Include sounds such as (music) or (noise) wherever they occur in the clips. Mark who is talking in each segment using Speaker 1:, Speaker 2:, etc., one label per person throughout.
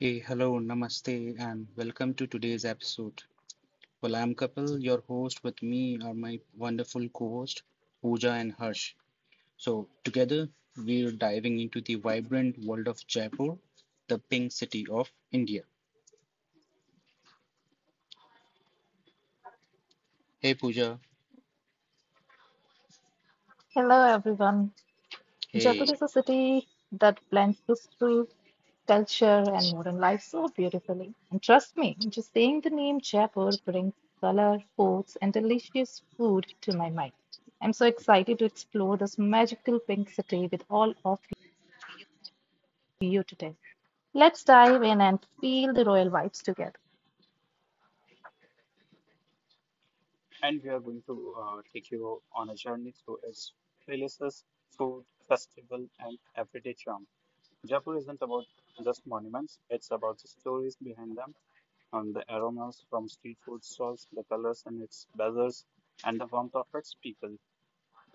Speaker 1: Hey, hello, namaste, and welcome to today's episode. Well, I'm Kapil, your host. With me are my wonderful co host, Pooja and Harsh. So, together, we're diving into the vibrant world of Jaipur, the pink city of India. Hey, Pooja.
Speaker 2: Hello, everyone. Jaipur
Speaker 1: Hey,
Speaker 2: is a city that blends history, culture, and modern life so beautifully. And trust me, just saying the name Jaipur brings color, forts, and delicious food to my mind. I'm so excited to explore this magical pink city with all of you today. Let's dive in and feel the royal vibes together.
Speaker 3: And we are going to take you on a journey through its palaces, food, festival, and everyday charm. Jaipur isn't about just monuments, it's about the stories behind them, and the aromas from street food stalls, the colors in its bazaars, and the warmth of its people.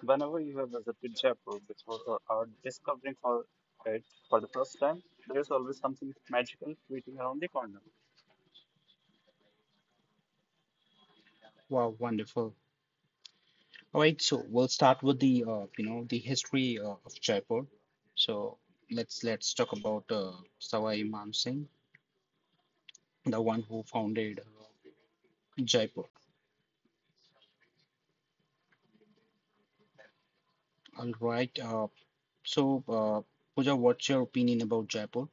Speaker 3: Whenever you have visited Jaipur before or are discovering for it for the first time, there's always something magical waiting around the corner.
Speaker 1: wow, wonderful. All right, so we'll start with the history of Jaipur. So, let's talk about Sawai Imam Singh, the one who founded Jaipur. All right. So, Pooja, what's your opinion about Jaipur?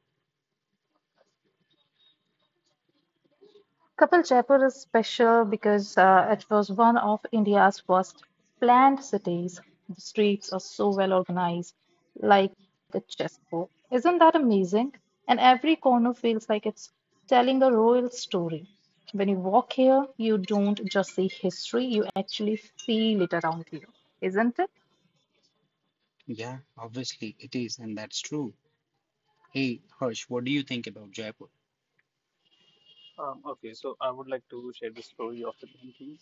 Speaker 2: Kapil, Jaipur is special because it was one of India's first planned cities. The streets are so well organized, like a chessboard. Isn't that amazing? And every corner feels like it's telling a royal story. When you walk here, you don't just see history, you actually feel it around you, isn't it?
Speaker 1: Yeah, obviously it is, and that's true. Hey, Harsh, what do you think about Jaipur?
Speaker 3: Okay, so I would like to share the story of the painting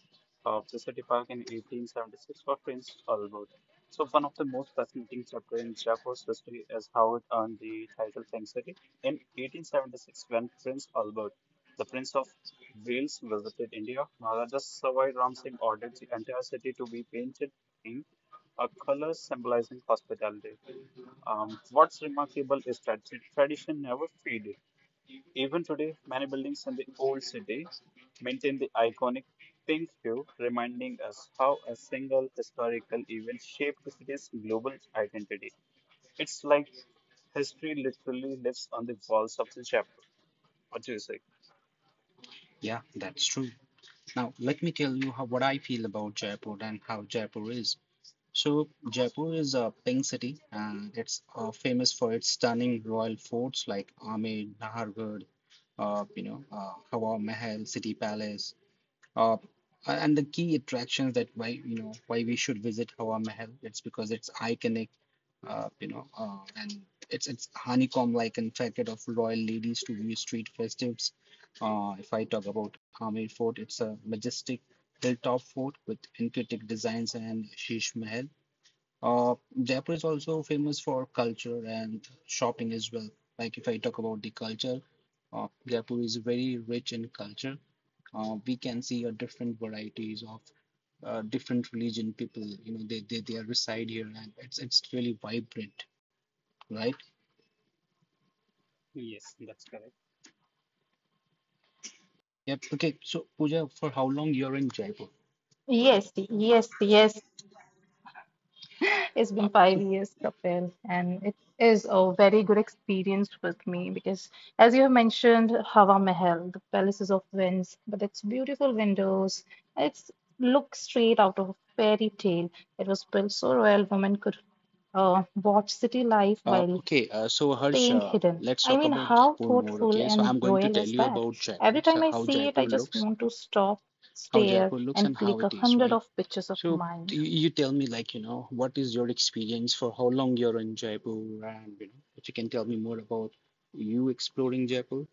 Speaker 3: of the city park in 1876 for Prince Albert. So one of the most fascinating chapter in Jaipur's history is how it earned the title Pink City. In 1876, when Prince Albert, the Prince of Wales, visited India, Maharaja Savai Ram Singh ordered the entire city to be painted pink, a color symbolizing hospitality. What's remarkable is that the tradition never faded. Even today, many buildings in the old city maintain the iconic pink hue, reminding us how a single historical event shaped the city's global identity. It's like history literally lives on the walls of the chapel. What do you say?
Speaker 1: Yeah, that's true. Now, let me tell you how what I feel about Jaipur and how Jaipur is. So, Jaipur is a pink city, and it's famous for its stunning royal forts like Amer, Nahargarh, Hawa Mahal, City Palace. Uh, and the key attractions, that why why we should visit Hawa Mahal, it's because it's iconic, and it's honeycomb-like and infected of royal ladies to view street festives. If I talk about Amer Fort, it's a majestic hilltop fort with intricate designs and Sheesh Mahal. Uh, Jaipur is also famous for culture and shopping as well. Like if I talk about the culture, Jaipur is very rich in culture. We can see a different varieties of different religion people. They, they are reside here, and it's really vibrant, right?
Speaker 3: Yes, that's correct.
Speaker 1: Yep. Okay. So, Pooja, for how long you're in Jaipur?
Speaker 2: Yes, yes, yes. (laughs) It's been
Speaker 1: uh,
Speaker 2: 5 years, Kapil, and it is a very good experience with me because, as you have mentioned, Hawa Mahal, the palaces of winds, but it's beautiful windows. It's looks straight out of a fairy tale. It was built so royal women could watch city life while
Speaker 1: okay. So, Harsh,
Speaker 2: staying hidden.
Speaker 1: let's
Speaker 2: I
Speaker 1: talk
Speaker 2: mean,
Speaker 1: about
Speaker 2: how
Speaker 1: Jaipur more.
Speaker 2: thoughtful
Speaker 1: Okay, so
Speaker 2: and
Speaker 1: I'm going to
Speaker 2: royal
Speaker 1: tell
Speaker 2: is
Speaker 1: you
Speaker 2: that?
Speaker 1: about
Speaker 2: Every
Speaker 1: Jaipur,
Speaker 2: time
Speaker 1: so
Speaker 2: I
Speaker 1: how
Speaker 2: see it,
Speaker 1: Jaipur
Speaker 2: I just
Speaker 1: looks
Speaker 2: want to stop,
Speaker 1: how
Speaker 2: stare,
Speaker 1: Jaipur looks
Speaker 2: and
Speaker 1: and how
Speaker 2: click a
Speaker 1: it is,
Speaker 2: hundred
Speaker 1: right?
Speaker 2: of pictures of
Speaker 1: So
Speaker 2: mine.
Speaker 1: you tell me, like, what is your experience, for how long you're in Jaipur, and if you can tell me more about you exploring Jaipur.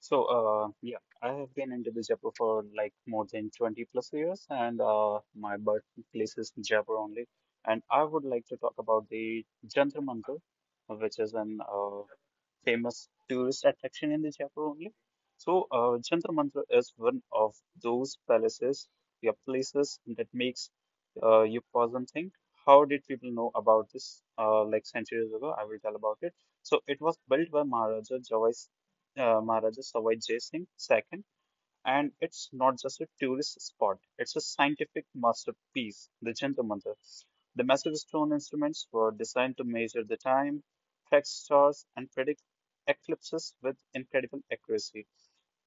Speaker 3: So, I have been into the Jaipur for like more than 20 plus years, and my birthplace is Jaipur only. And I would like to talk about the Jantar Mantar, which is an famous tourist attraction in the Jaipur only. So, Jantar Mantar is one of those places that makes you pause and think. How did people know about this? Like centuries ago, I will tell about it. So, it was built by Maharaja Sawai Jai Singh II, and it's not just a tourist spot, it's a scientific masterpiece, the Jantar Mantar. The massive stone instruments were designed to measure the time, track stars, and predict eclipses with incredible accuracy.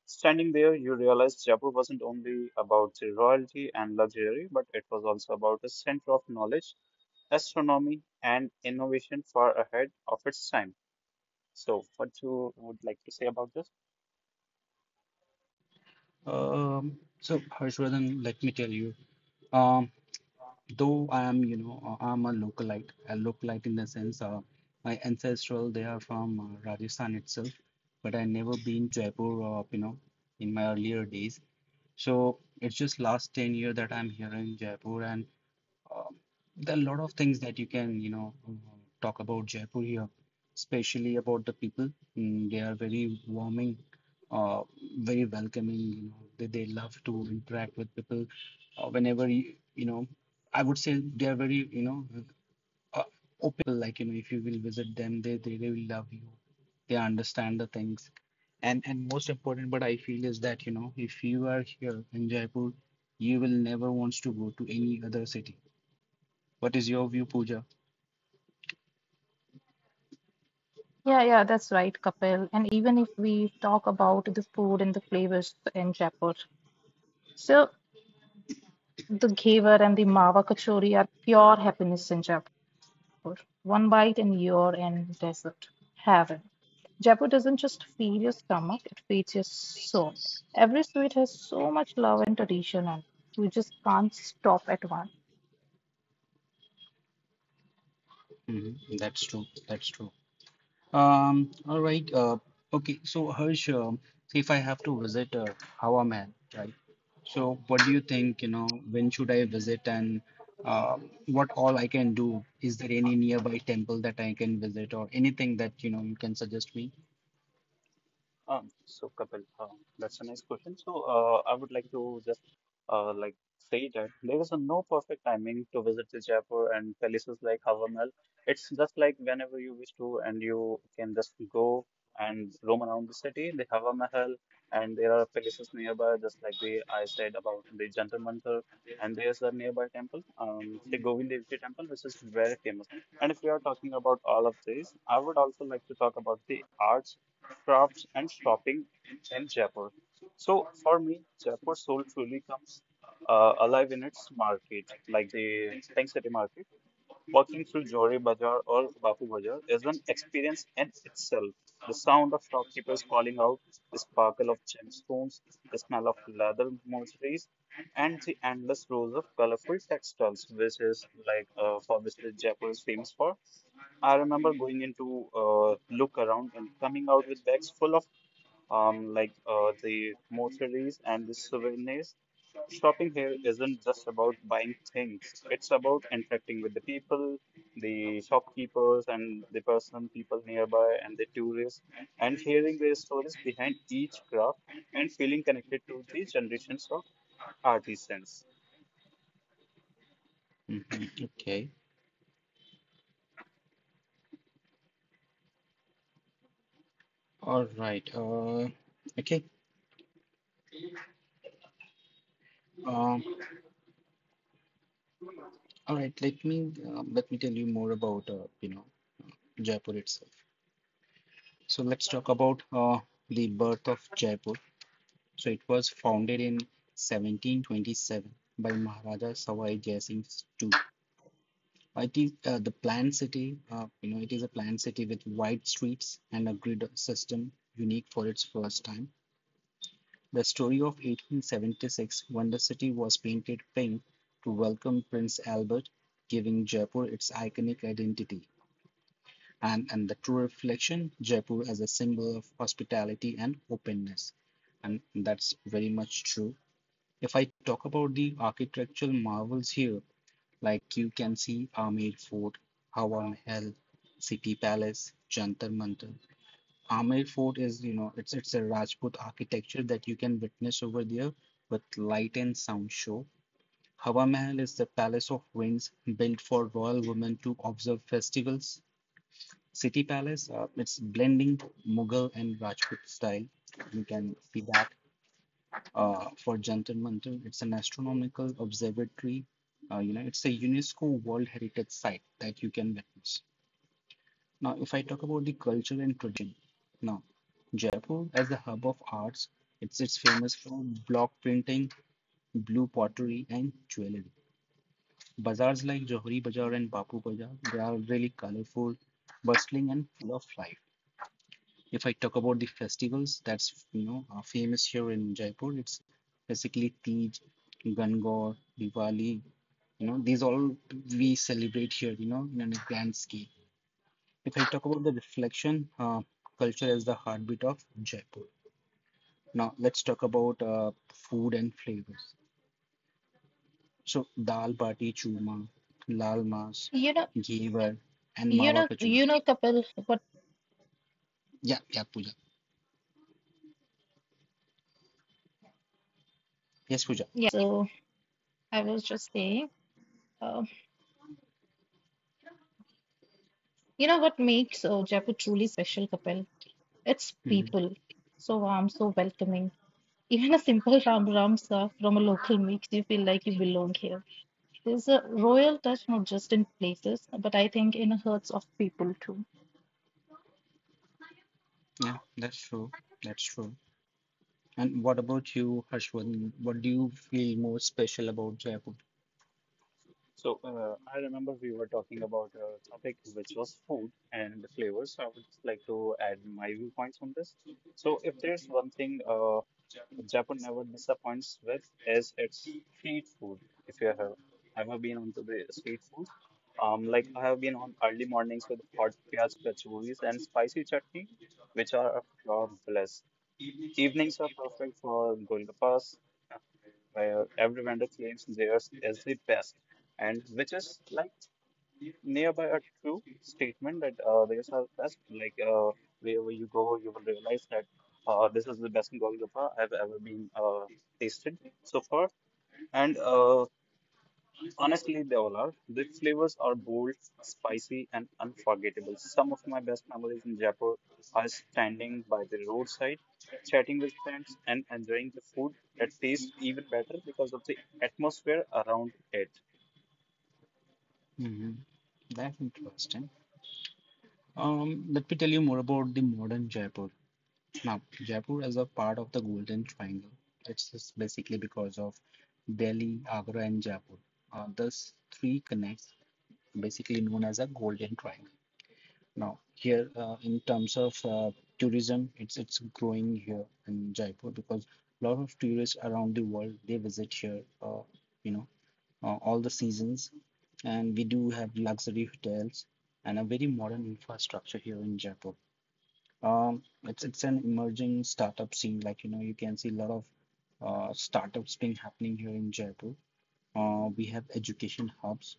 Speaker 3: Standing there, you realize Jaipur wasn't only about the royalty and luxury, but it was also about a center of knowledge, astronomy, and innovation far ahead of its time. So, what you would like to say about this?
Speaker 1: So Harshvardhan, let me tell you, um, though I am, you know, I'm a localite in the sense, my ancestral, they are from Rajasthan itself, but I never been Jaipur, in my earlier days. So it's just last 10 years year that I'm here in Jaipur, and um, there are a lot of things that you can, talk about Jaipur here, especially about the people. They are very warming, uh, very welcoming. They, love to interact with people. Whenever I would say they are very, uh, open. Like if you will visit them, they will love you. They understand the things, and most important but I feel is that if you are here in Jaipur, you will never wants to go to any other city. What is your view, Pooja?
Speaker 2: Yeah, yeah, that's right, Kapil. And even if we talk about the food and the flavors in Jaipur, so the ghevar and the mawa kachori are pure happiness in Jaipur. One bite and you're in desert heaven. Jaipur doesn't just feed your stomach, it feeds your soul. Every sweet has so much love and tradition, and we just can't stop at one.
Speaker 1: Hmm. That's true. That's true. All right. Okay. So, Harsh, if I have to visit Hawa Mahal, right? So, what do you think? When should I visit, and uh, what all I can do? Is there any nearby temple that I can visit or anything that you can suggest me?
Speaker 3: So Kapil, that's a nice question. So I would like to just like say that there is a no perfect timing to visit the Jaipur and places like Hava Mahal. It's just like whenever you wish to, and you can just go and roam around the city, the Hava Mahal, and there are places nearby, just like the I said about the Jantar Mantar, and there's a nearby temple, Sri Govind Dev Ji Temple, which is very famous. And if we are talking about all of these, I would also like to talk about the arts crafts, and shopping in Jaipur. So for me, Jaipur soul truly comes alive in its market, like the Tank City Market. Walking through Johari Bazaar or Bapu Bazaar is an experience in itself. The sound of shopkeepers calling out, the sparkle of gemstones, the smell of leather mercenaries, and the endless rows of colorful textiles, which is like for which the Jaipur is famous for. I remember going in to look around and coming out with bags full of like the groceries and the souvenirs. Shopping here isn't just about buying things, it's about interacting with the people, the shopkeepers, and the people nearby, and the tourists, and hearing their stories behind each craft and feeling connected to the generations of artisans.
Speaker 1: Mhm. Okay. All right. Okay. Um, all right. Let me tell you more about Jaipur itself. So let's talk about the birth of Jaipur. So it was founded in 1727 by Maharaja Sawai Jai Singh II. It is the planned city. It is a planned city with wide streets and a grid system, unique for its first time. The story of 1876, when the city was painted pink to welcome Prince Albert, giving Jaipur its iconic identity, and the true reflection, Jaipur as a symbol of hospitality and openness. And that's very much true. If I talk about the architectural marvels here, like, you can see Amer Fort, Hawa Mahal, City Palace, Jantar Mantar. Amer Fort is, you know, it's a Rajput architecture that you can witness over there with light and sound show. Hawa Mahal is the palace of winds, built for royal women to observe festivals. City Palace, it's blending Mughal and Rajput style. You can see that for Jantar Mantar. It's an astronomical observatory. It's a UNESCO World Heritage Site that you can witness. Now, if I talk about the culture and tradition, now Jaipur as the hub of arts, it's famous for block printing, blue pottery, and jewelry. Bazaars like Johari Bazaar and Bapu Bazaar, they are really colorful, bustling, and full of life. If I talk about the festivals that's are famous here in Jaipur, it's basically Teej, Gangaur, Diwali. You know, these all we celebrate here, in a grand scale. If I talk about the reflection, culture is the heartbeat of Jaipur. Now let's talk about food and flavors. So dal bati churma, lal mas,
Speaker 2: You know,
Speaker 1: ghevar, and mawa kachori.
Speaker 2: Kapil, but
Speaker 1: Yeah, yeah, Pooja. Yes, Pooja.
Speaker 2: yeah, so I was just saying, uh, You know what makes Jaipur truly special, Kapil? It's
Speaker 1: Hmm.
Speaker 2: people. So warm, so welcoming. (laughs) Even a simple ram ram sa from a local makes you feel like you belong here. There's a royal touch, not just in places, but I think in hearts of people too.
Speaker 1: Yeah, that's true. That's true. And what about you, Harshvardhan? What do you feel more special about Jaipur?
Speaker 3: So, I remember we were talking about a topic which was food and the flavors. So I would just like to add my viewpoints on this. So, if there's one thing Japan never disappoints with is its street food. If you have ever been onto the street food, like I have been on early mornings with hot piyaz kachoris and spicy chutney, which are a pure bliss. Evenings are perfect for golgappas, uh, where every vendor claims theirs is the best, and which is like nearby a true statement that these are best. Like wherever you go, you will realize that this is the best golgappa I've ever been tasted so far. And honestly, they all are. The flavors are bold, spicy, and unforgettable. Some of my best memories in Jaipur are standing by the roadside, chatting with friends, and enjoying the food that tastes even better because of the atmosphere around it.
Speaker 1: Hmm. That's interesting. Let me tell you more about the modern Jaipur. Now, Jaipur is a part of the Golden Triangle. It's just basically because of Delhi, Agra, and Jaipur. Thus, three connects, basically known as a Golden Triangle. Now, here in terms of tourism, it's growing here in Jaipur, because a lot of tourists around the world, they visit here, you know, all the seasons, and we do have luxury hotels and a very modern infrastructure here in Jaipur. It's an emerging startup scene. You can see a lot of startups being happening here in Jaipur. We have education hubs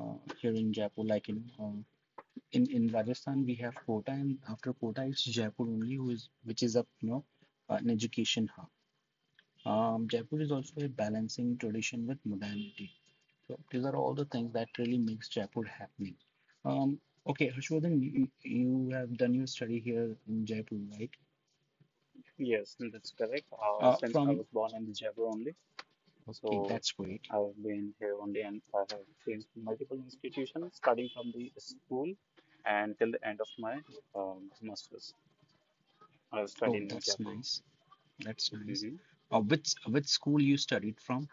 Speaker 1: uh, here in Jaipur. In Rajasthan we have Kota, and after Kota it's Jaipur only, who is which is a an education hub. Jaipur is also a balancing tradition with modernity. So these are all the things that really makes Jaipur happening. Um, okay, Harshvardhan, you have done your study here in Jaipur, right?
Speaker 3: Yes, that's correct. Since I
Speaker 1: From
Speaker 3: was born in the Jaipur only.
Speaker 1: Okay,
Speaker 3: So
Speaker 1: that's great.
Speaker 3: I've been here only and I have changed multiple institutions starting from the school and till the end of my master's. I have
Speaker 1: Oh,
Speaker 3: studied in
Speaker 1: that's
Speaker 3: Jaipur.
Speaker 1: nice. That's nice.
Speaker 3: Hmm.
Speaker 1: Which school you studied from?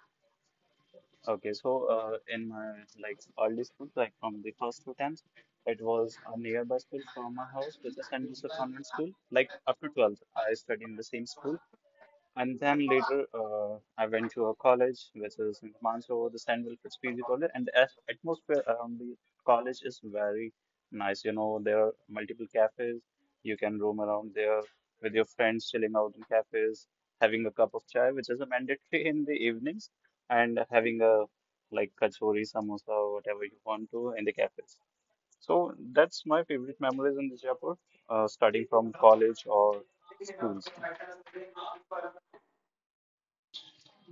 Speaker 3: Okay, so in my like early school, like from the first two times, it was a nearby school from my house, which is St. Joseph Convent School. Like up to 12th, I studied in the same school. And then later, I went to a college, which is in Mansoor, the St. Wilfred's PG College, and the atmosphere around the college is very nice. You know, there are multiple cafes. You can roam around there with your friends, chilling out in cafes, having a cup of chai, which is a mandatory (laughs) in the evenings, and having a like kachori, samosa, or whatever you want to in the cafes. So that's my favorite memories in the Jaipur, starting from college or schools.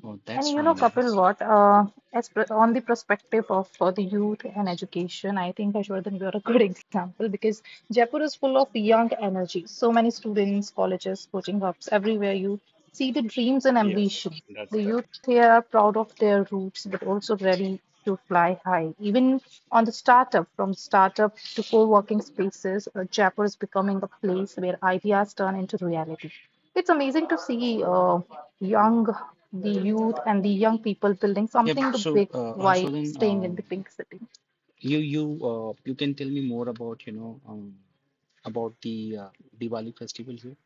Speaker 1: Oh,
Speaker 2: And
Speaker 1: that's
Speaker 2: you
Speaker 1: really
Speaker 2: know, Kapil,
Speaker 1: nice.
Speaker 2: what? As pr on the perspective of the youth and education, I think Harshvardhan, you are a good (laughs) example because Jaipur is full of young energy. So many students, colleges, coaching hubs, everywhere you see the dreams and
Speaker 3: Yes,
Speaker 2: ambition.
Speaker 3: that's
Speaker 2: The
Speaker 3: correct.
Speaker 2: youth here are proud of their roots, but also ready to fly high. Even from startup to co-working spaces, Jaipur is becoming a place where ideas turn into reality. It's amazing to see
Speaker 3: Hmm.
Speaker 2: young the youth and the young people building
Speaker 1: Yep.
Speaker 2: something
Speaker 1: So,
Speaker 2: big while
Speaker 1: Harshvardhan,
Speaker 2: staying in the pink city.
Speaker 1: you can tell me more about about the Diwali festival here.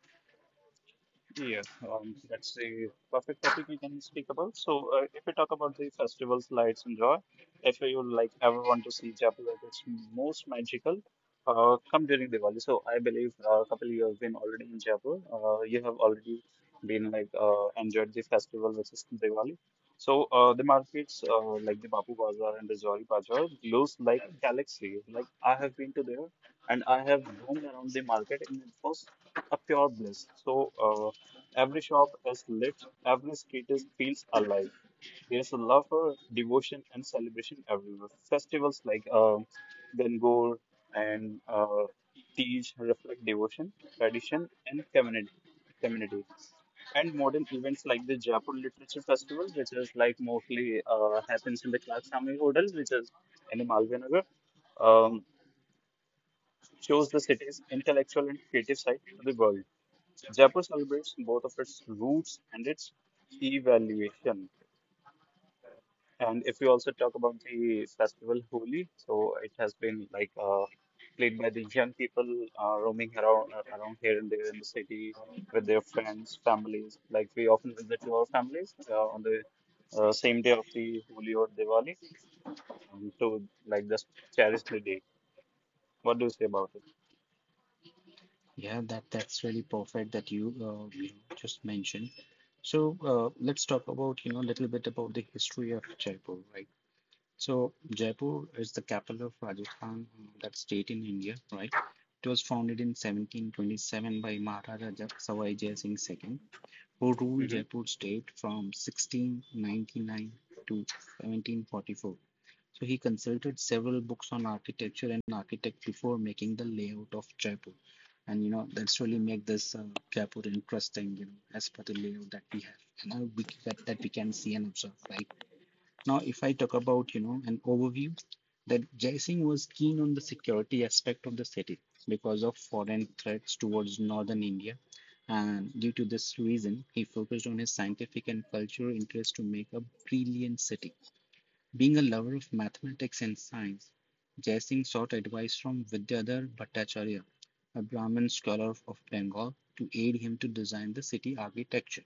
Speaker 3: Yeah, that's the perfect topic we can speak about. So, if we talk about the festivals, lights, and joy, if you like ever want to see Jaipur at its most magical, come during Diwali. So, I believe Kapil, you have been already in Jaipur. You have already been like enjoyed the festival, which is Diwali. So, the markets like the Bapu Bazaar and the Johari Bazaar glows like a galaxy. Like I have been to there, and I have roamed around the market, and it was a pure bliss. So every shop is lit, every street is feels alive. There's a love for devotion and celebration everywhere. Festivals like Gangor and Tej reflect devotion, tradition, and community. And modern events like the Jaipur Literature Festival, which is like mostly happens in the Clark Hotel, which is in the Malvinagar, um, shows the city's intellectual and creative side to the world. Jaipur celebrates both of its roots and its evaluation. And if we also talk about the festival Holi, so it has been like played by the young people roaming around around here and there in the city with their friends, families. Like we often visit to our families on the same day of the Holi or Diwali to like just cherish the day. What do you say about
Speaker 1: Yeah, that's really perfect that you just mentioned. So let's talk about a little bit about the history of Jaipur, right? So Jaipur is the capital of Rajasthan, that state in India, right? It was founded in 1727 by Maharaja Sawai Jai Singh II, who ruled
Speaker 3: it?
Speaker 1: Jaipur state from 1699 to 1744. So he consulted several books on architecture and architect before making the layout of Jaipur. And that's really make this Jaipur interesting, as per the layout that we have, and we, that, that we can see and observe, right? Now, if I talk about, an overview, that Jai Singh was keen on the security aspect of the city because of foreign threats towards northern India. And due to this reason, he focused on his scientific and cultural interests to make a brilliant city. Being a lover of mathematics and science, Jai Singh sought advice from Vidyadhar Bhattacharya, a Brahmin scholar of Bengal, to aid him to design the city architecture.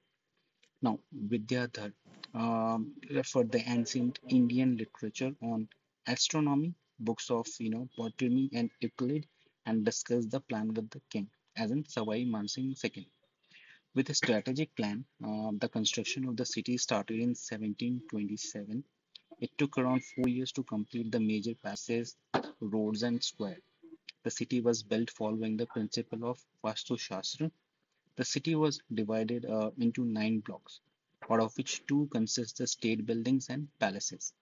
Speaker 1: Now, Vidyadhar referred the ancient Indian literature on astronomy, books of botany and Euclid, and discussed the plan with the king, as in Savai Mansingh II. With a strategic plan, the construction of the city started in 1727. It took around 4 years to complete the major palaces, roads, and square. The city was built following the principle of Vastu Shastra. The city was divided into nine blocks, out of which two consist the state buildings and palaces,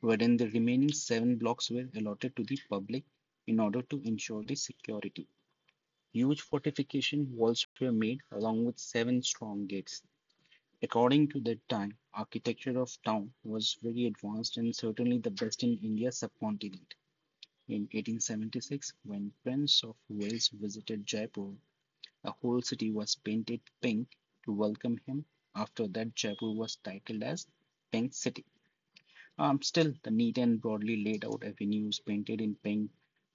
Speaker 1: wherein the remaining seven blocks were allotted to the public in order to ensure the security. Huge fortification walls were made along with seven strong gates. According to that time, architecture of town was very advanced and certainly the best in India subcontinent. In 1876, when Prince of Wales visited Jaipur, the whole city was painted pink to welcome him. After that, Jaipur was titled as Pink City. Still, the neat and broadly laid out avenues painted in pink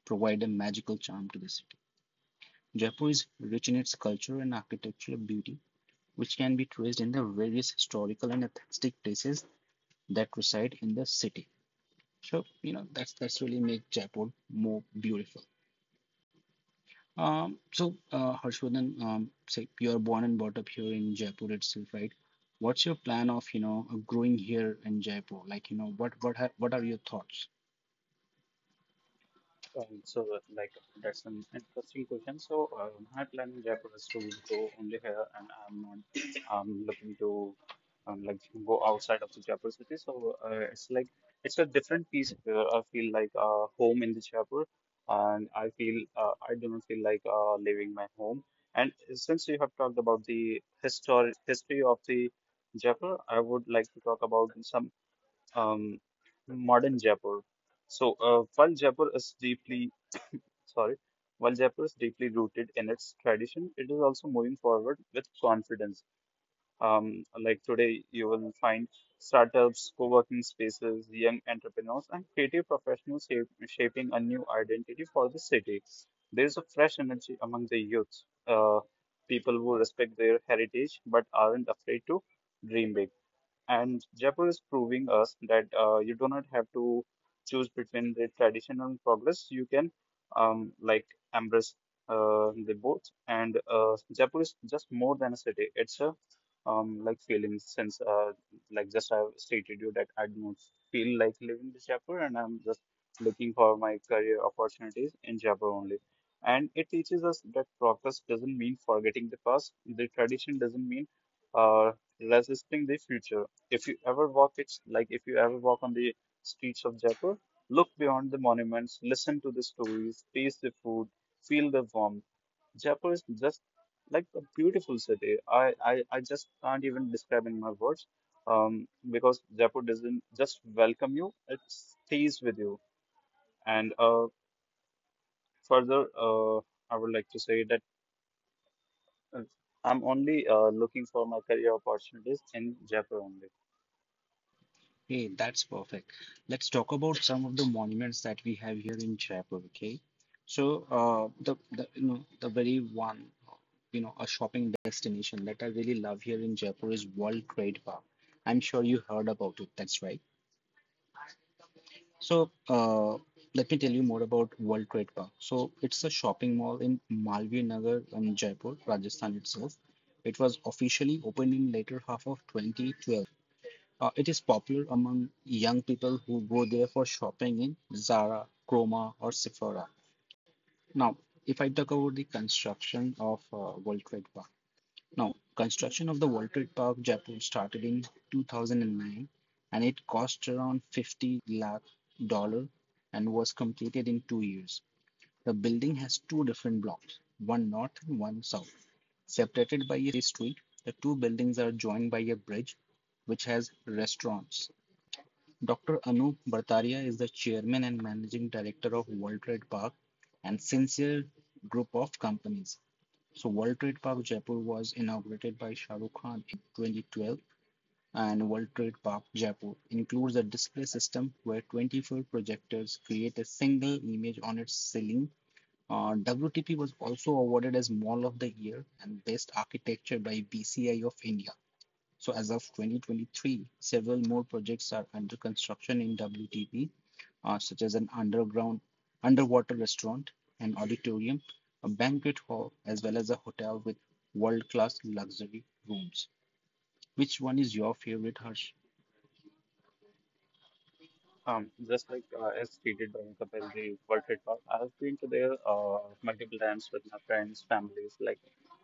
Speaker 1: provide a magical charm to the city. Jaipur is rich in its culture and architectural beauty, which can be traced in the various historical and artistic places that reside in the city. So, that's really make Jaipur more beautiful. So, Harshvardhan, say you're born and brought up here in Jaipur itself, right? What's your plan of growing here in Jaipur? What are your thoughts?
Speaker 3: So, like, that's an interesting question. So, my plan in Jaipur is to go only here, and I'm not looking to like go outside of the Jaipur city. So, it's a different piece here. I feel like home in the Jaipur, and I feel I do not feel like leaving my home. And since you have talked about the history of the Jaipur, I would like to talk about some um modern Jaipur. So, while Jaipur is deeply sorry. While Jaipur is deeply rooted in its tradition, it is also moving forward with confidence. Like today, you will find startups, co-working spaces, young entrepreneurs, and creative professionals shaping a new identity for the city. There is a fresh energy among the youth, uh, people who respect their heritage but aren't afraid to dream big. And Jaipur is proving us that you do not have to choose between the tradition and progress. You can like embrace the both. And Jaipur is just more than a city. It's a like feeling since like just I've stated you that I do not feel like living in Jaipur, and I'm just looking for my career opportunities in Jaipur only. And it teaches us that progress doesn't mean forgetting the past. The tradition doesn't mean uh, resisting the future. If you ever walk it's like If you ever walk on the streets of Jaipur, look beyond the monuments, listen to the stories, taste the food, feel the warmth. Jaipur is just like a beautiful city. I just can't even describe in my words, because Jaipur doesn't just welcome you, it stays with you. And further, I would like to say that uh, I'm only looking for my career opportunities in Jaipur only.
Speaker 1: Hey, that's perfect. Let's talk about some of the monuments that we have here in Jaipur, okay? So, the you know the very one, you know, a shopping destination that I really love here in Jaipur is World Trade Park. I'm sure you heard about it. That's right. So uh, Let me tell you more about World Trade Park. So it's a shopping mall in Malvi Nagar in Jaipur, Rajasthan itself. It was officially opened in later half of 2012. It is popular among young people who go there for shopping in Zara, Chroma, or Sephora. Now, if I talk about the construction of World Trade Park. Now, construction of the World Trade Park Jaipur started in 2009 and it cost around 50 lakh dollar and was completed in 2 years. The building has two different blocks, one north and one south. Separated by a city street, the two buildings are joined by a bridge which has restaurants. Dr. Anup Bartaria is the chairman and managing director of World Trade Park and Sincere Group of Companies. So World Trade Park Jaipur was inaugurated by Shah Rukh Khan 2012, and World Trade Park Jaipur includes a display system where 24 projectors create a single image on its ceiling. WTP was also awarded as Mall of the Year and Best Architecture by BCI of India. So as of 2023, several more projects are under construction in WTP, such as an underground underwater restaurant, an auditorium, a banquet hall, as well as a hotel with world-class luxury rooms. Which one is your favorite, Harsh?
Speaker 3: Just like as stated by Kapil, the World Trade Park, I've been to there multiple times with my friends, families. Like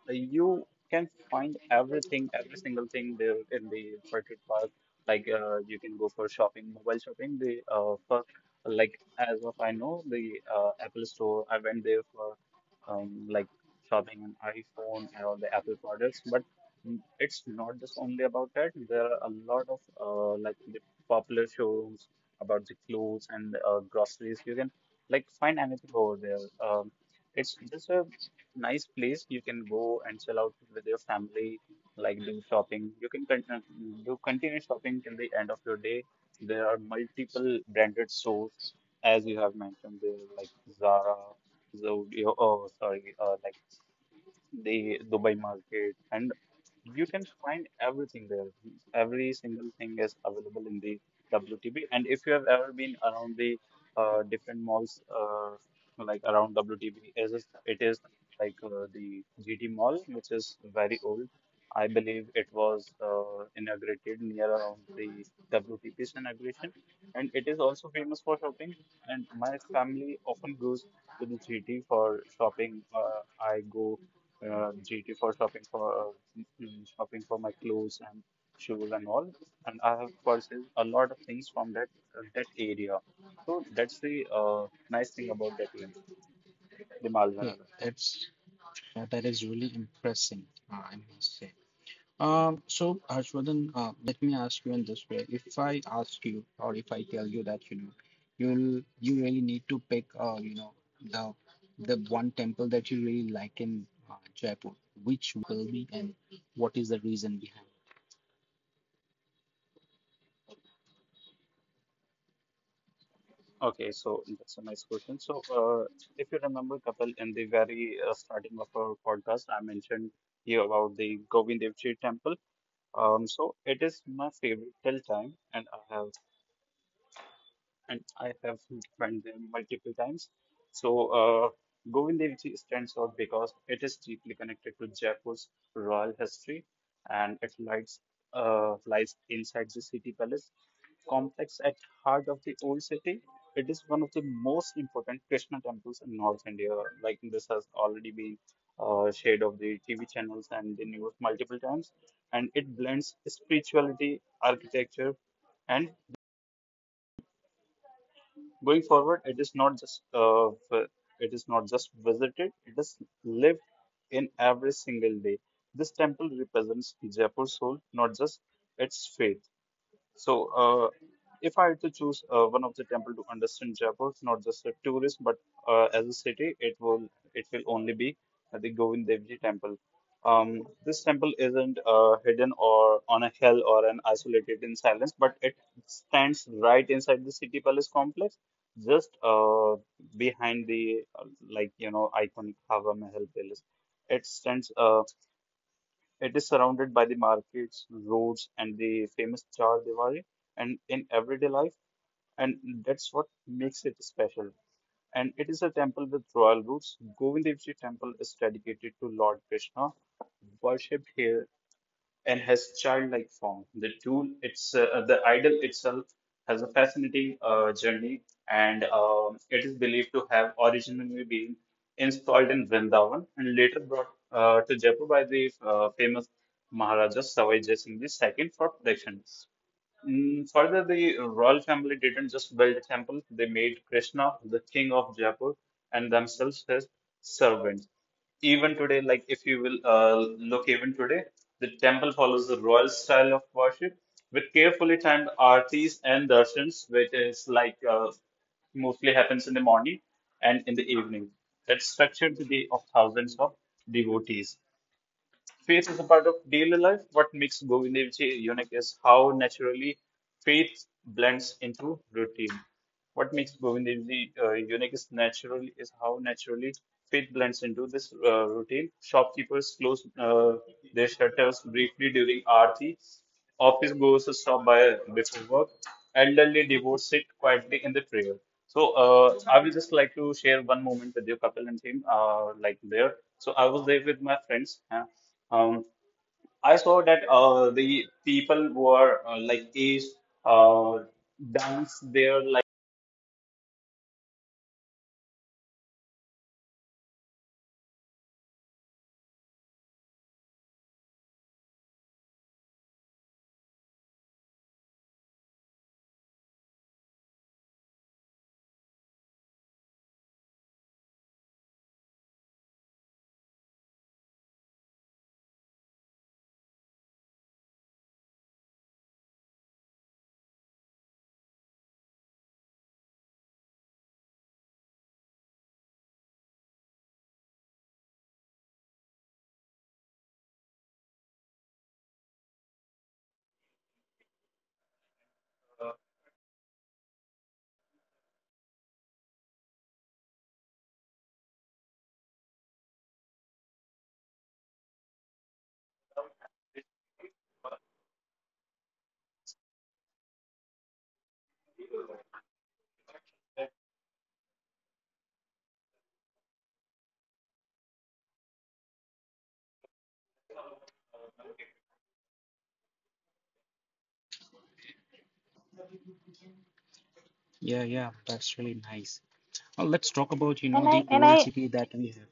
Speaker 3: you can find everything, every single thing there in the World Trade Park. Like you can go for shopping, mobile shopping. The first, like as of I know, the Apple Store. I went there for like shopping an iPhone and all the Apple products. But it's not just only about that. There are a lot of like the popular showrooms about the clothes and groceries. You can like find anything over there. It's just a nice place you can go and chill out with your family, like do shopping. You can continue, do continue shopping till the end of your day. There are multiple branded stores, as you have mentioned there, like Zara, Zodiac, oh sorry, like the Dubai Market, and you can find everything there. Every single thing is available in the WTB. And if you have ever been around the different malls, like around WTB, it is like the GT Mall, which is very old. I believe it was inaugurated near around the WTP's inauguration. And it is also famous for shopping. And my family often goes to the GT for shopping. I go GT for shopping for shopping for my clothes and shoes and all. And I have purchased a lot of things from that that area. So that's the nice thing about that area, the
Speaker 1: Hey,
Speaker 3: Malvanagar.
Speaker 1: that is really impressive, I must say. So Harshvardhan, let me ask you in this way. If I ask you, or if I tell you that, you know, you really need to pick, the one temple that you really like in Jaipur, which one it will be, and what is the reason behind?
Speaker 3: Okay, so that's a nice question. So, if you remember, Kapil, in the very starting of our podcast, I mentioned you about the Govind Dev Ji temple. So it is my favorite till time, and I have went there multiple times. So uh, Govind Dev Ji stands out because it is deeply connected to Jaipur's royal history, and it lies, lies inside the city palace complex at heart of the old city. It is one of the most important Krishna temples in North India. Like this has already been shared of the TV channels and the news multiple times, and it blends spirituality, architecture, and going forward, it is not just it is not just visited; it is lived in every single day. This temple represents Jaipur's soul, not just its faith. So, if I had to choose one of the temple to understand Jaipur, not just a tourist, but as a city, it will only be the Govind Dev Ji temple. This temple isn't hidden or on a hill or an isolated in silence, but it stands right inside the city palace complex, just behind the like you know iconic Hava Mahal palace. It stands. It is surrounded by the markets, roads, and the famous Char Diwali, and in everyday life, and that's what makes it special. And it is a temple with royal roots. Govind temple is dedicated to Lord Krishna, worshipped here and has childlike form. The tool, it's the idol itself has a fascinating journey, and it is believed to have originally been installed in Vrindavan and later brought to Jaipur by the famous Maharaja Savai Jai Singh II for protection. Further, the royal family didn't just build a temple, they made Krishna the king of Jaipur and themselves his servants. Even today, like if you will look even today, the temple follows the royal style of worship with carefully timed aartis and darshans, which is like mostly happens in the morning and in the evening. That structured the day of thousands of devotees. Faith is a part of daily life. What makes Govindevji unique is how naturally faith blends into routine. What makes Govindevji unique is naturally is how naturally faith blends into this routine. Shopkeepers close their shutters briefly during Aarti. Office goers stop by before work. Elderly divorced sit quietly in the trail. So I will just like to share one moment with you, Kapil and team. Like there, so I was there with my friends. Huh. Um, I saw that the people were like aged, uh, dance there
Speaker 1: Yeah, yeah, that's really nice. Let's talk about, you
Speaker 2: And
Speaker 1: know,
Speaker 2: I
Speaker 1: the
Speaker 2: and
Speaker 1: old
Speaker 2: I
Speaker 1: city that we have.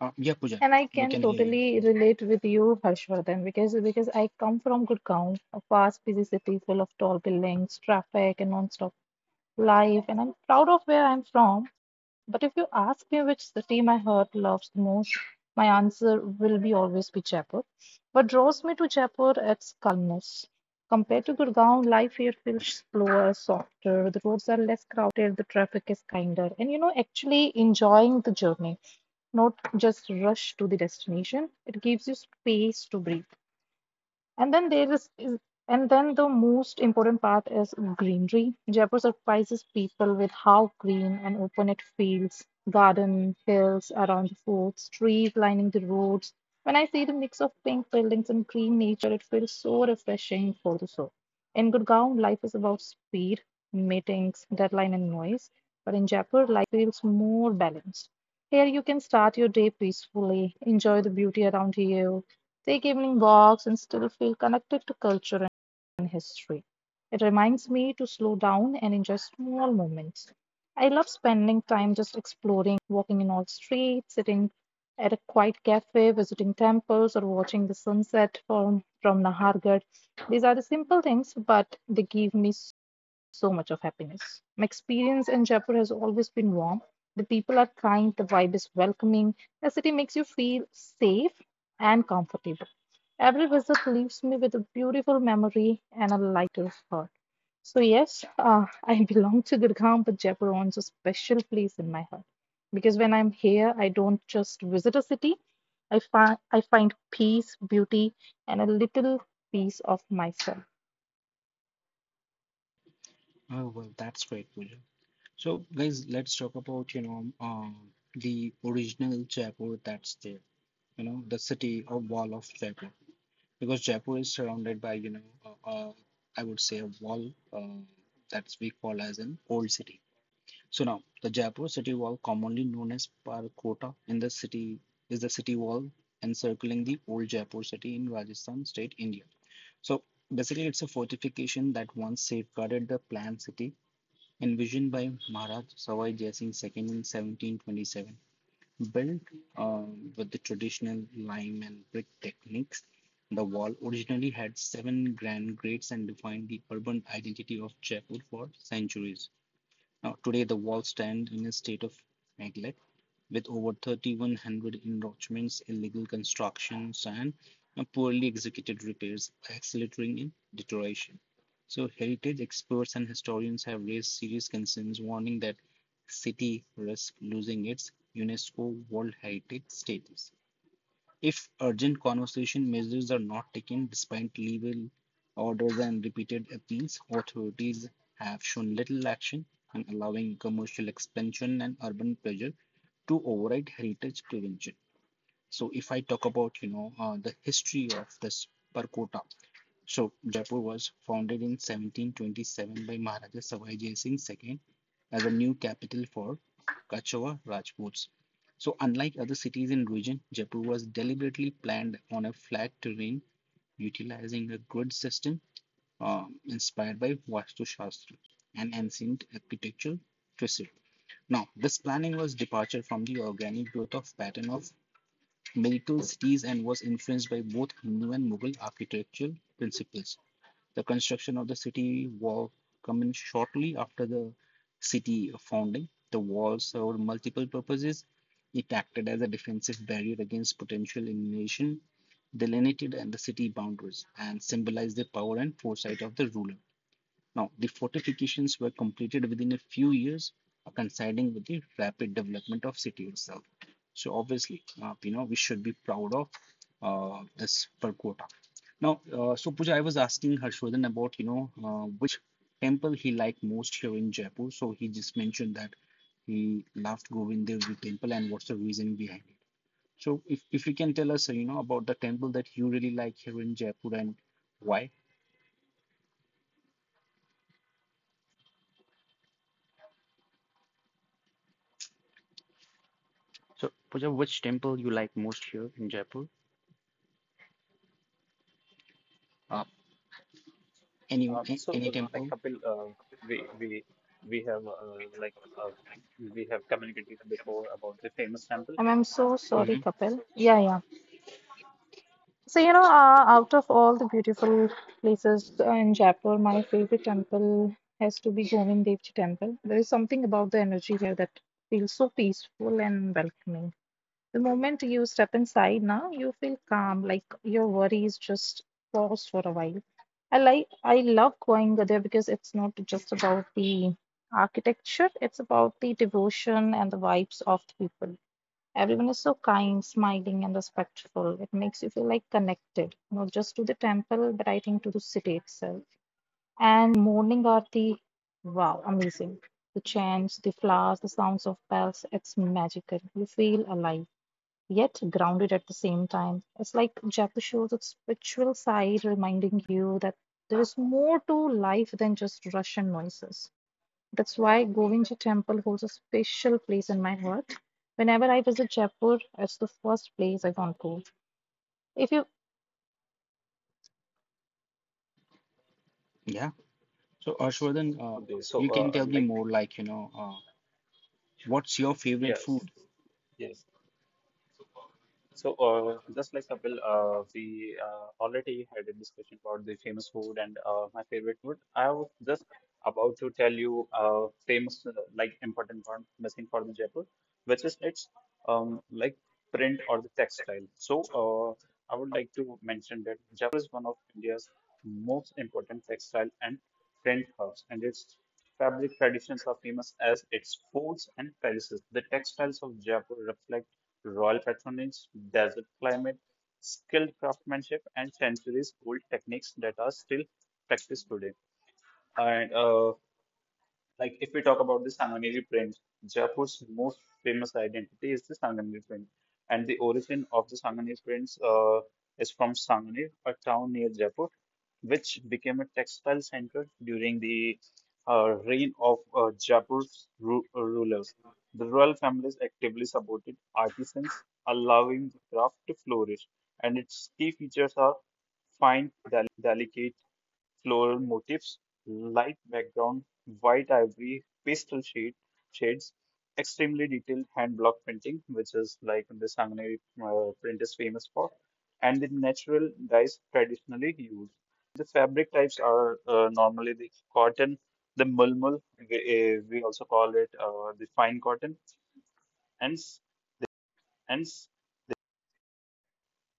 Speaker 1: Yeah, Pooja,
Speaker 2: and I
Speaker 1: we
Speaker 2: can
Speaker 1: can hear you.
Speaker 2: totally relate with you, Harshvardhan, because I come from Gurgaon, a fast busy city full of tall buildings, traffic, and non-stop life, and I'm proud of where I'm from. But if you ask me which city my heart loves the most, my answer will be always be Jaipur. What draws me to Jaipur is calmness. Compared to Gurgaon, life here feels slower, softer. The roads are less crowded, the traffic is kinder, and actually enjoying the journey, not just rush to the destination. It gives you space to breathe. And then the most important part is greenery. Jaipur surprises people with how green and open it feels. Garden, hills around the forts, trees lining the roads. When I see the mix of pink buildings and green nature, it feels so refreshing for the soul. In Gurgaon, life is about speed, meetings, deadline, and noise. But in Jaipur, life feels more balanced. Here you can start your day peacefully, enjoy the beauty around you, take evening walks, and still feel connected to culture and history. It reminds me to slow down and enjoy small moments. I love spending time just exploring, walking in all streets, sitting at a quiet cafe, visiting temples, or watching the sunset from Nahargarh. These are the simple things, but they give me so much of happiness. My experience in Jaipur has always been warm. The people are kind, the vibe is welcoming, the city makes you feel safe and comfortable. Every visit leaves me with a beautiful memory and a lighter heart. So, yes, I (laughs) belong to Gurgaon, but Jaipur owns a special place in my heart. Because when I'm here, I don't just visit a city, I find peace, beauty, and a little piece of myself.
Speaker 1: Oh, well, that's great, Pooja. So, guys, let's talk about, the original Jaipur that's there. You know, the city or wall of Jaipur, because Jaipur is surrounded by uh, uh, I would say a wall that's we call as an old city. So now the Jaipur city wall, commonly known as Parkota, in the city is the city wall encircling the old Jaipur city in Rajasthan state, India. So basically, it's a fortification that once safeguarded the planned city envisioned by Maharaj Sawai Jai Singh II in 1727. Built uh, with the traditional lime and brick techniques, the wall originally had 7 grand grades and defined the urban identity of Jaipur for centuries. Now, today the walls stand in a state of neglect with over 3,100 encroachments, illegal constructions, and poorly executed repairs accelerating in deterioration. So, heritage experts and historians have raised serious concerns, warning that city risks losing its UNESCO World Heritage status. If urgent conservation measures are not taken despite legal orders and repeated appeals, authorities have shown little action in allowing commercial expansion and urban pressure to override heritage prevention. So if I talk about, you know, the history of this Parkota, so Jaipur was founded in 1727 by Maharaja Sawai Singh II as a new capital for Kachwa Rajputs. So unlike other cities in region, Jaipur was deliberately planned on a flat terrain utilizing a grid system inspired by Vastu Shastra and ancient architectural precedent. Now, this planning was departure from the organic growth of pattern of medieval cities and was influenced by both Hindu and Mughal architectural principles. The construction of the city wall commenced shortly after the city founding. The wall served multiple purposes. It acted as a defensive barrier against potential invasion, delineated the city boundaries, and symbolized the power and foresight of the ruler. Now, the fortifications were completed within a few years, coinciding with the rapid development of city itself. So obviously, we should be proud of this Perkota. Now, so Pooja, I was asking Harshvardhan about, you know, which temple he liked most here in Jaipur. So he just mentioned that he loved Govind Dev Ji temple and what's the reason behind it. So, if you can tell us, you know, about the temple that you really like here in Jaipur and why. So Pooja, which temple you like most here in Jaipur? Uh, any
Speaker 4: Um, so,
Speaker 1: any
Speaker 4: uh, like
Speaker 1: temple?
Speaker 4: Kapil, we we we have uh, like uh, we have communicated before about the famous temple.
Speaker 2: And I'm so
Speaker 4: So,
Speaker 2: sorry,
Speaker 1: Hmm.
Speaker 2: Kapil. Yeah, yeah. So, out of all the beautiful places in Jaipur, my favorite temple has to be Govind Dev Ji temple. There is something about the energy here that feels so peaceful and welcoming. The moment you step inside now, you feel calm, like your worries just pause for a while. I love going there because it's not just about the architecture, it's about the devotion and the vibes of the people. Everyone is so kind, smiling, and respectful. It makes you feel like connected, not just to the temple, but I think to the city itself. And morning aarti, wow, amazing. The chants, the flowers, the sounds of bells, it's magical. You feel alive yet grounded at the same time. It's like Jackie shows its spiritual side, reminding you that there is more to life than just rush and noises. That's why Govinda Temple holds a special place in my heart. Whenever I visit Jaipur, it's the first place I want go. If you
Speaker 1: Yeah. So Harshvardhan,
Speaker 4: okay, so
Speaker 1: you can
Speaker 4: uh, uh,
Speaker 1: tell me
Speaker 4: like
Speaker 1: more, like, you know, what's your favorite
Speaker 4: yes,
Speaker 1: food?
Speaker 4: yes. So, just like Kapil, we already had a discussion about the famous food and my favorite food. I was just about to tell you famous, like important one missing for the Jaipur, which is its like print or the textile. So, I would like to mention that Jaipur is one of India's most important textile and print hubs, and its fabric traditions are famous as its forts and palaces. The textiles of Jaipur reflect royal patronage, desert climate, skilled craftsmanship, and centuries old techniques that are still practiced today. And like if we talk about the Sanganeri print, Jaipur's most famous identity is the Sanganeri print, and the origin of the Sanganeri prints is from Sanganeri, a town near Jaipur, which became a textile center during the reign of Jaipur's ru rulers. The royal families actively supported artisans, allowing the craft to flourish, and its key features are fine, delicate floral motifs, light background, white ivory, pastel shades, extremely detailed hand block printing, which is like the Sanganeri print is famous for, and the natural dyes traditionally used. And the fabric types are normally the cotton, the mulmul, we, we also call it the fine cotton, and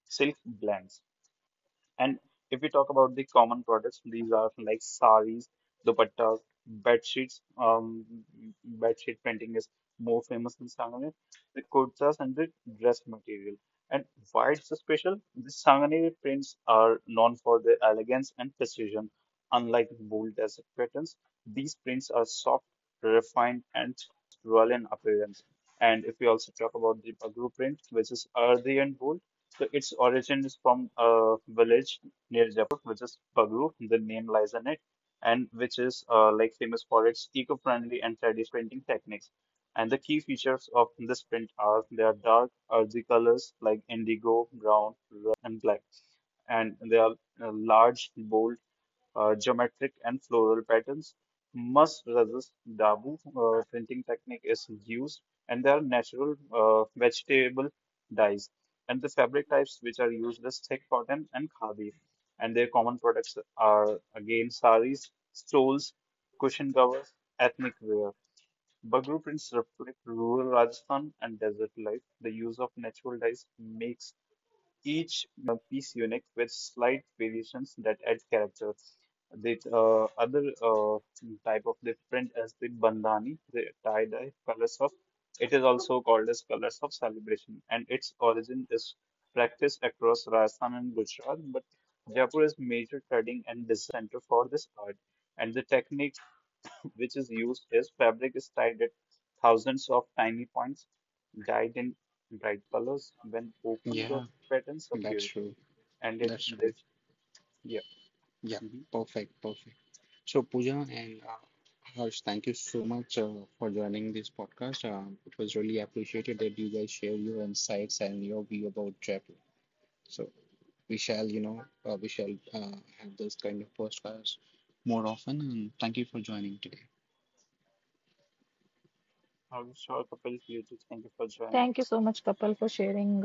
Speaker 4: silk blends. And if we talk about the common products, these are like saris, dupattas, bed sheets. Bed sheet printing is more famous in Sanganer. The kurtas and the dress material. And why it's so special? The Sanganer prints are known for their elegance and precision. Unlike bold desert patterns, these prints are soft, refined, and almost royal in appearance. And if we also talk about the Pagru print, which is earthy and bold. So its origin is from a village near Jaipur, which is Pagru, the name lies in it, and which is like famous for its eco-friendly and traditional printing techniques. And the key features of this print are they are dark, earthy colors like indigo, brown, rust, and black, and they are large, bold, geometric and floral patterns. Must resist Dabu printing technique is used, and there are natural vegetable dyes. And the fabric types which are used is thick cotton and khadi. And their common products are again saris, stoles, cushion covers, ethnic wear. Bagru prints reflect rural Rajasthan and desert life. The use of natural dyes makes each piece unique with slight variations that add character. The other type of the print is the bandhani, the tie-dye colors of. It is also called as colors of celebration, and its origin is practiced across Rajasthan and Gujarat. But Jaipur is major trading and design center for this art, and the technique which is used is fabric is tied at thousands of tiny points, dyed in bright colors. When opened, dot
Speaker 1: Yeah,
Speaker 4: patterns
Speaker 1: that's
Speaker 4: appear,
Speaker 1: true.
Speaker 4: and it
Speaker 1: That's true.
Speaker 4: this yeah.
Speaker 1: Yeah,
Speaker 4: Mm-hmm.
Speaker 1: perfect, perfect. So, Pooja and Harsh, thank you so much for joining this podcast. It was really appreciated that you guys share your insights and your view about travel. So, we shall, you know, we shall have this kind of podcast more often. And thank you for joining today.
Speaker 4: I wish all couples beauty. Thank you for joining.
Speaker 2: Thank you so much, Kapil, for sharing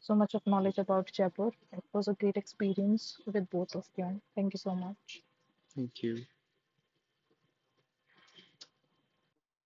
Speaker 2: so much of knowledge about Jaipur. It was a great experience with both of you. Thank you so much.
Speaker 1: Thank you.